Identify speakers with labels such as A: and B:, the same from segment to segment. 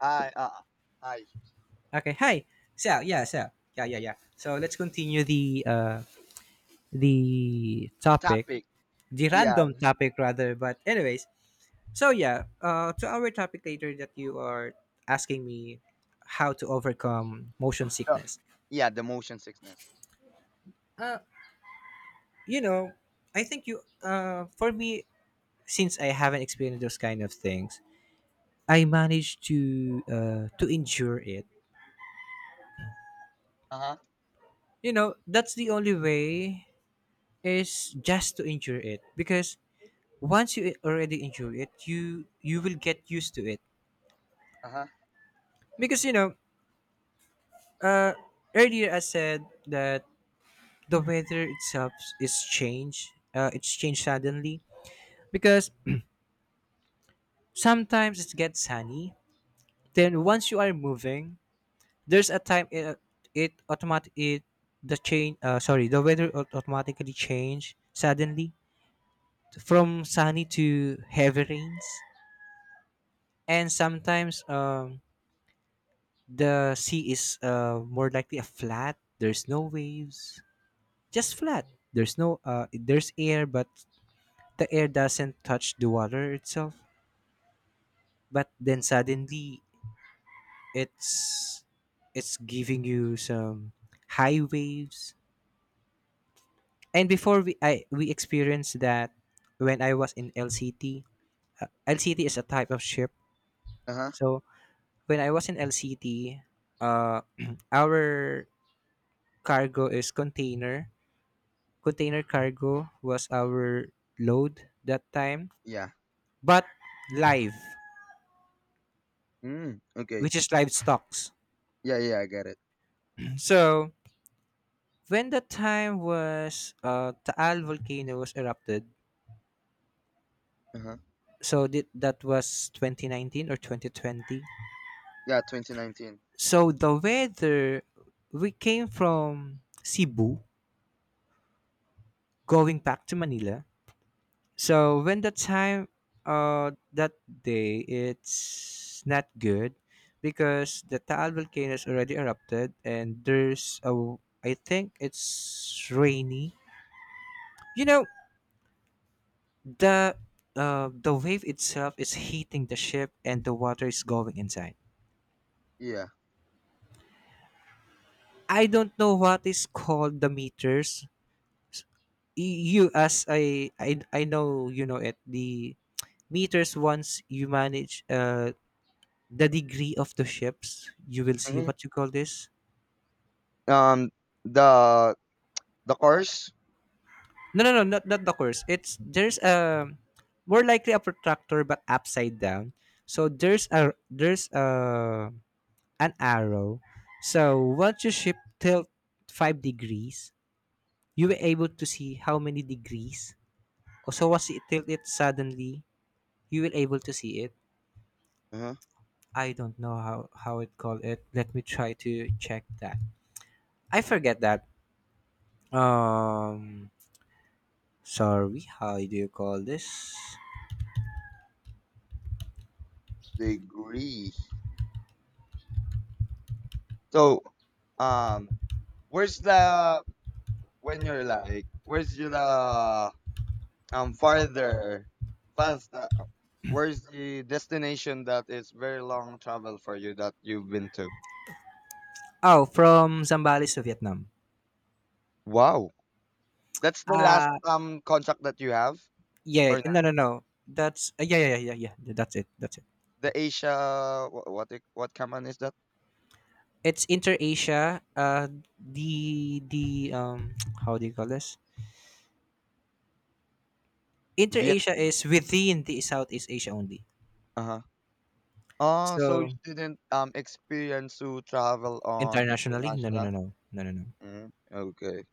A: I uh I
B: Okay, hi. So let's continue the the topic,
A: topic.
B: the
A: Yeah.
B: random topic rather. But anyways, to our topic later that you are asking me how to overcome motion
A: The,
B: sickness.
A: yeah, the motion sickness.
B: Uh, you know, I think you for me, since I haven't experienced those kind of things, I managed to endure it.
A: Uh-huh.
B: You know, that's the only way is just to endure it because once you already enjoy it, you will get used to it.
A: Uh-huh.
B: Because uh, earlier I said that the weather itself is changed. It's changed suddenly because sometimes it gets sunny. Then once you are moving, there's a time it it automatic it the change. Sorry, the weather automatically change suddenly from sunny to heavy rains. And sometimes the sea is more likely a flat, there's no waves, just flat, there's no there's air but the air doesn't touch the water itself, but then suddenly it's it's giving you some high waves. And we experienced that when I was in LCT. LCT is a type of ship.
A: Uh-huh.
B: So when I was in LCT, uh, our cargo is container cargo was our load that time,
A: Yeah.
B: but live,
A: Mm, okay.
B: which is live stocks.
A: Yeah, yeah, I get it.
B: So when the time was, Taal volcano was erupted,
A: Uh-huh.
B: so that was 2019 or 2020.
A: Yeah, 2019.
B: So the weather, we came from Cebu going back to Manila. So when the time, that day it's not good because the Taal volcano is already erupted, and there's a, I think it's rainy. You know, the the wave itself is heating the ship and the water is going inside.
A: Yeah.
B: I don't know what is called the meters. You, as I know you know it. The meters, once you manage the degree of the ships, you will see
A: hmm
B: what you call this.
A: Um the the course.
B: No, no, no, not the course. It's there's a, more likely a protractor but upside down. So there's a an arrow. So once your ship tilt 5 degrees, you will able to see how many degrees. Oh, so once it tilt it suddenly, you will able to see it.
A: Uh-huh.
B: I don't know how it called it. Let me try to check that. I forget that. um Sorry, how do you call this?
A: Degree. So, um where's the when you're like where's your the farther fast where's the destination that is very long travel for you that you've been to?
B: Oh, from Zambales to Vietnam.
A: Wow. That's the last
B: Uh
A: contract that you have
B: yeah,
A: or
B: no
A: not?
B: no no. That's That's it.
A: The Asia, what company is that?
B: It's Inter Asia. The How do you call this? Inter Asia
A: Vietnam.
B: is within the Southeast Asia only.
A: Uh-huh. Oh, so you
B: So
A: didn't experience to travel on
B: internationally, no no no
A: international.
B: no no no no.
A: Hmm, okay.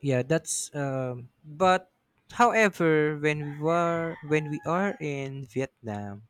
B: Yeah, that's. But however, when we are in Vietnam,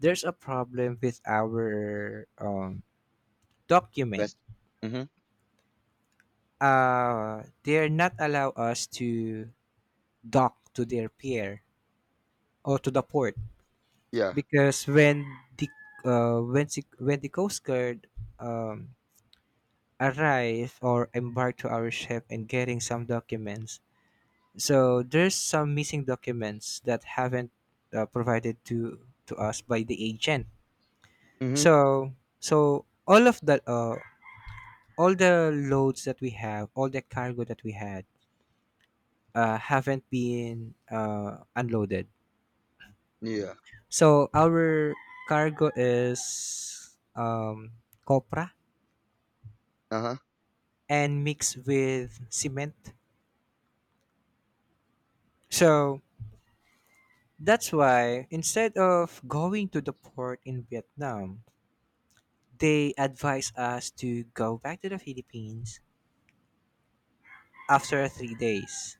B: there's a problem with our document.
A: Best. Mm-hmm.
B: They're not allow us to dock to their pier or to the port
A: Yeah.
B: because the when the coast guard um, arrive or embark to our ship and getting some documents, so there's some missing documents that haven't provided to us by the agent.
A: Mm-hmm.
B: So all of the all the loads that we have, all the cargo that we had, haven't been unloaded.
A: Yeah.
B: So our cargo is, copra
A: Uh-huh.
B: and mixed with cement. So that's why instead of going to the port in Vietnam, they advise us to go back to the Philippines after 3 days.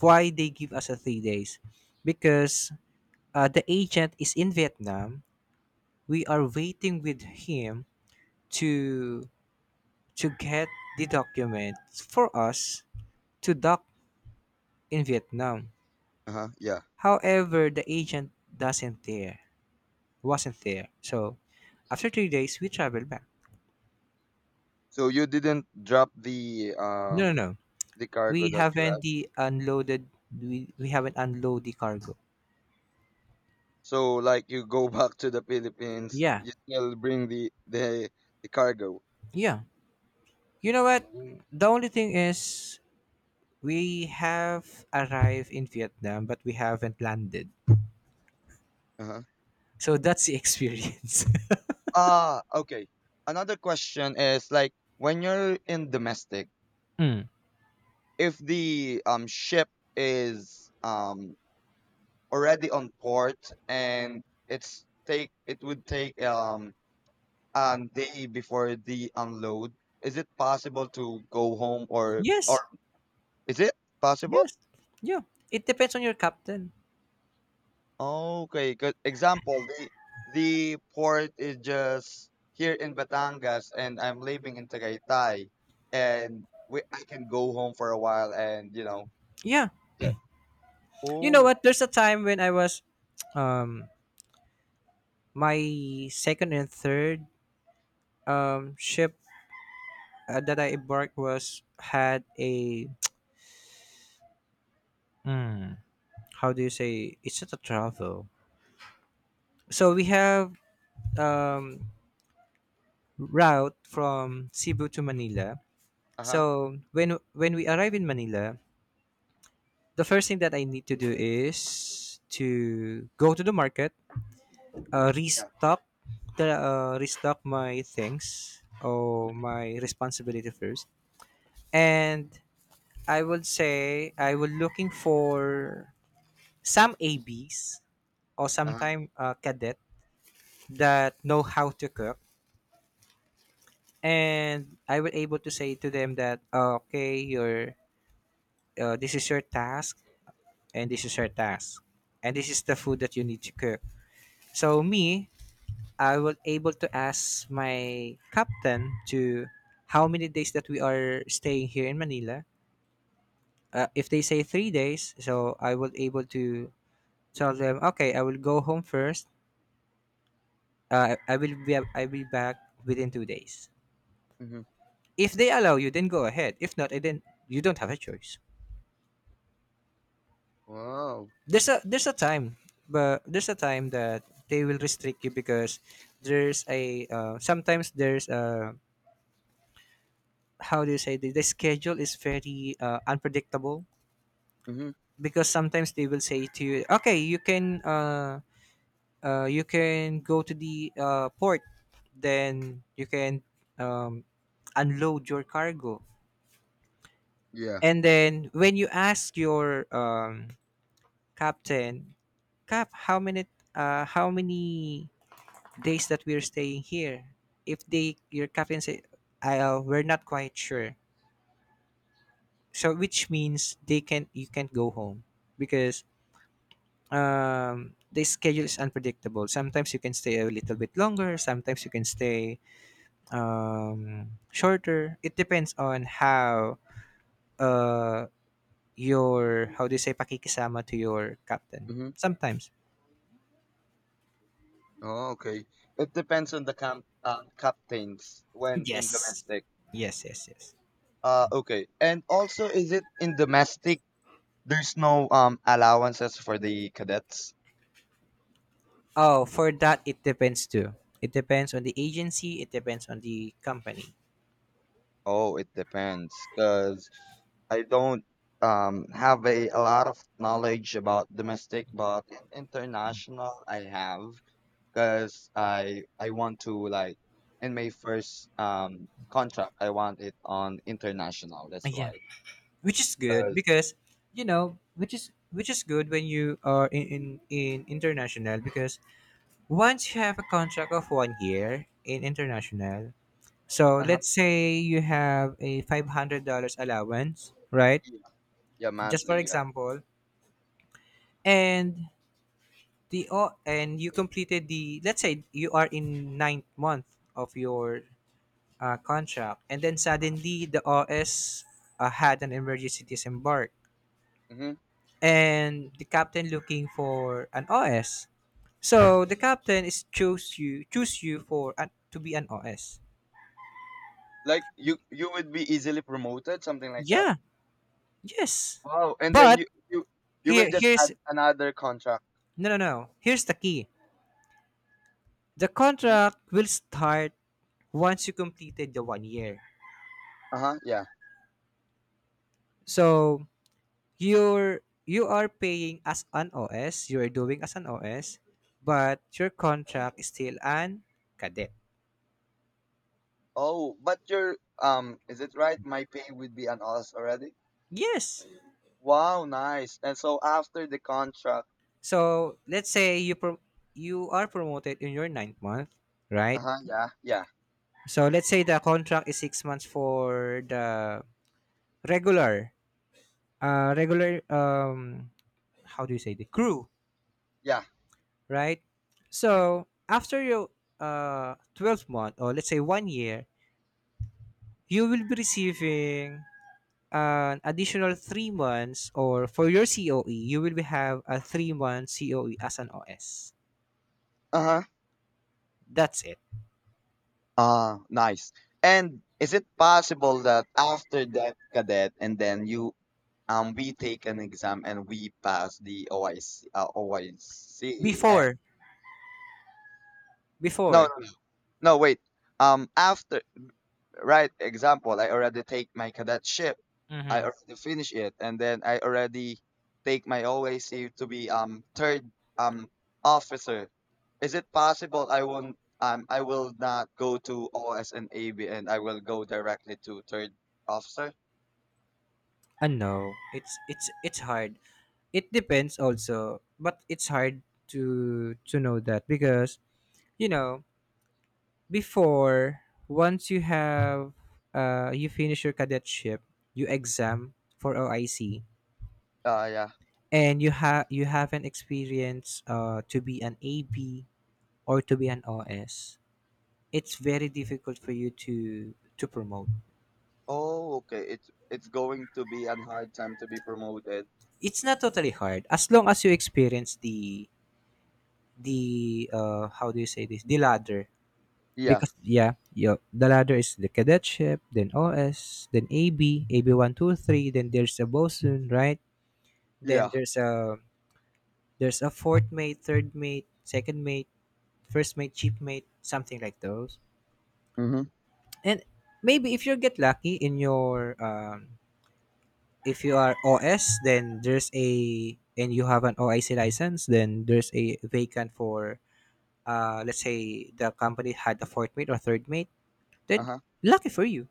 B: Why they give us a 3 days? Because the agent is in Vietnam. We are waiting with him to to get the documents for us to dock in Vietnam.
A: Uh-huh. Yeah.
B: However, the agent doesn't there wasn't there. So after 3 days we traveled back.
A: So you didn't drop the
B: No, no, no.
A: cargo that you have.
B: We haven't unload the cargo.
A: So like you go back to the Philippines,
B: Yeah.
A: you still bring the cargo.
B: Yeah. You know what?
A: Mm.
B: The only thing is we have arrived in Vietnam but we haven't landed.
A: Uh-huh.
B: So that's the experience.
A: Ah, okay. Another question is like, when you're in domestic,
B: Mm.
A: if the ship is already on port and it would take a day before the unload, is it possible to go home or
B: Yes.
A: is it possible?
B: Yes. Yeah. It depends on your captain.
A: Okay, good example, the port is just here in Batangas and I'm living in Tagaytay, and we I can go home for a while, and
B: Yeah.
A: yeah.
B: You know
A: Oh.
B: what? There's a time when I was, um, my second and third ship that I embarked was had a mm, how do you say? It's not a travel. So we have um route from Cebu to Manila.
A: Uh-huh.
B: So when we arrive in Manila, the first thing that I need to do is to go to the market, uh,
A: Yeah.
B: restock restock my things or my responsibility first. And I would say I was looking for some ABs or
A: Uh-huh.
B: sometime cadet that know how to cook. And I was able to say to them that, "Oh, okay, your this is your task, and this is your task, and this is the food that you need to cook." So me, I was able to ask my captain to how many days that we are staying here in Manila. If they say 3 days, so I was able to tell them, okay, I will go home first. I will be, I'll be back within 2 days.
A: Mm-hmm.
B: If they allow you, then go ahead. If not, eh, then you don't have a choice.
A: Wow.
B: There's a there's a time, there's a time that they will restrict you because there's a, how do you say, the schedule is very unpredictable,
A: Mm-hmm.
B: because sometimes they will say to you, okay, you can go to the port, then you can um, unload your cargo.
A: Yeah.
B: And then when you ask your captain, cap how many days that we're staying here, if they your captain say, we're not quite sure, so which means they can you can't go home because the schedule is unpredictable. Sometimes you can stay a little bit longer, sometimes you can stay shorter. It depends on how uh your, how do you say, pakikisama to your captain.
A: Mm-hmm.
B: Sometimes.
A: Oh, okay, it depends on the camp captains when in
B: Yes.
A: domestic.
B: Yes.
A: Okay, and also, is it in domestic there's no allowances for the cadets?
B: Oh, for that it depends too. It depends on the agency, it depends on the company.
A: Oh, it depends, because I don't have a lot of knowledge about domestic, but international I have, because I want to, like, in my first contract I want it on international. That's
B: Yeah.
A: why.
B: Which is good
A: Because
B: because, you know, which is good when you are in, in international because once you have a contract of 1 year in international. So
A: uh
B: let's say you have a $500 allowance, right?
A: yeah, yeah,
B: Just for
A: monthly, yeah.
B: example, and you completed the, let's say you are in 9th month of your contract, and then suddenly the OS had an emergency disembark,
A: Mm-hmm.
B: and the captain looking for an OS. So the captain is choose you for an, to be an OS.
A: Like, you would be easily promoted, something like that.
B: Yeah, yes,
A: Wow, and then
B: but
A: you will just
B: here's,
A: add another contract.
B: no no no here's the key. The
A: Uh huh.
B: contract will start once you completed the 1 year.
A: Uh-huh, yeah.
B: So you are paying as an OS, you are doing as an OS, but your contract is still an cadet.
A: Oh, but your is it right? My pay would be on us already.
B: Yes.
A: Wow, nice. And so after the contract,
B: So let's say you are promoted in your 9th month,
A: uh
B: right?
A: huh, yeah, yeah,
B: So let's say the contract is 6 months for the regular, uh, regular um, how do you say, the crew,
A: yeah,
B: right? So after your 12 month, or let's say 1 year, you will be receiving an additional 3 months, or for your COE, you will be have a 3 month COE as an OS.
A: uh huh,
B: That's it.
A: nice. And is it possible that after that cadet, and then you we take an exam and we pass the OIC, OIC. And
B: Before,
A: no,
B: before.
A: no, no, wait. After, right, example, I already take my cadetship.
B: Mm-hmm.
A: I already finish it, and then I already take my oac to be third um officer. Is it possible I won't I will not go to OS and AB, and I will go directly to third officer?
B: And no, it's hard. It depends also, but it's hard to know that, because you know before, once you have you finish your cadetship, you exam for OIC,
A: Yeah.
B: and you have an experience to be an AB or to be an OS, it's very difficult for you to promote.
A: Oh, okay, it's going to be an hard time to be promoted.
B: It's not totally hard as long as you experience the how do you say this, the ladder.
A: Yeah.
B: Because yeah yo, the ladder is the cadetship then OS then AB, ab123, then there's a bosun, right? Then
A: Yeah.
B: there's a fourth mate, third mate, second mate, first mate, chief mate, something like those.
A: Mm-hmm.
B: And maybe if you get lucky in your if you are OS, then there's a and you have an OIC license, then there's a vacant for, let's say the company had a fourth mate or third mate. Then
A: Uh-huh.
B: lucky for you.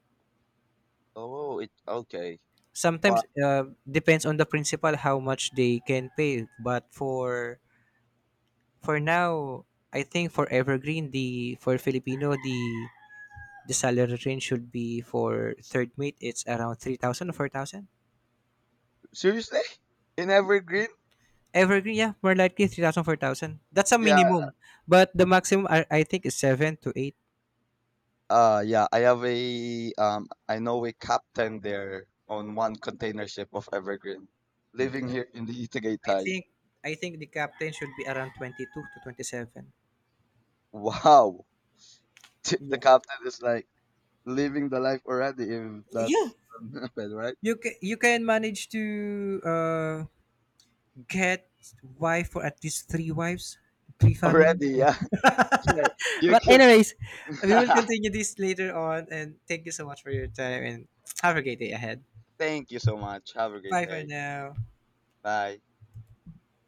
A: Oh, it, okay.
B: Sometimes
A: But
B: depends on the principal how much they can pay, but for now, I think for Evergreen, the for Filipino, the salary range should be for third mate. It's around 3,000 or 4,000.
A: seriously, in Evergreen?
B: Evergreen, yeah, more likely 3,000, 4,000. That's a
A: Yeah.
B: minimum, but the maximum I think is seven to eight.
A: Yeah, I know a captain there on one container ship of Evergreen,
B: Mm.
A: living
B: Yeah,
A: here in the
B: I
A: Itagaitai.
B: think I think the captain should be around 22 to 27.
A: Wow, the
B: Yeah.
A: captain is like living the life already. If
B: Yeah,
A: that's bad, right?
B: you can manage to uh get wife for at least three wives, three families.
A: Already,
B: Yeah.
A: yeah. Yeah, you
B: But
A: could.
B: anyways, we will continue this later on. And thank you so much for your time. And have a great day ahead.
A: Thank you so much. Have a great
B: Bye for
A: day.
B: now.
A: Bye.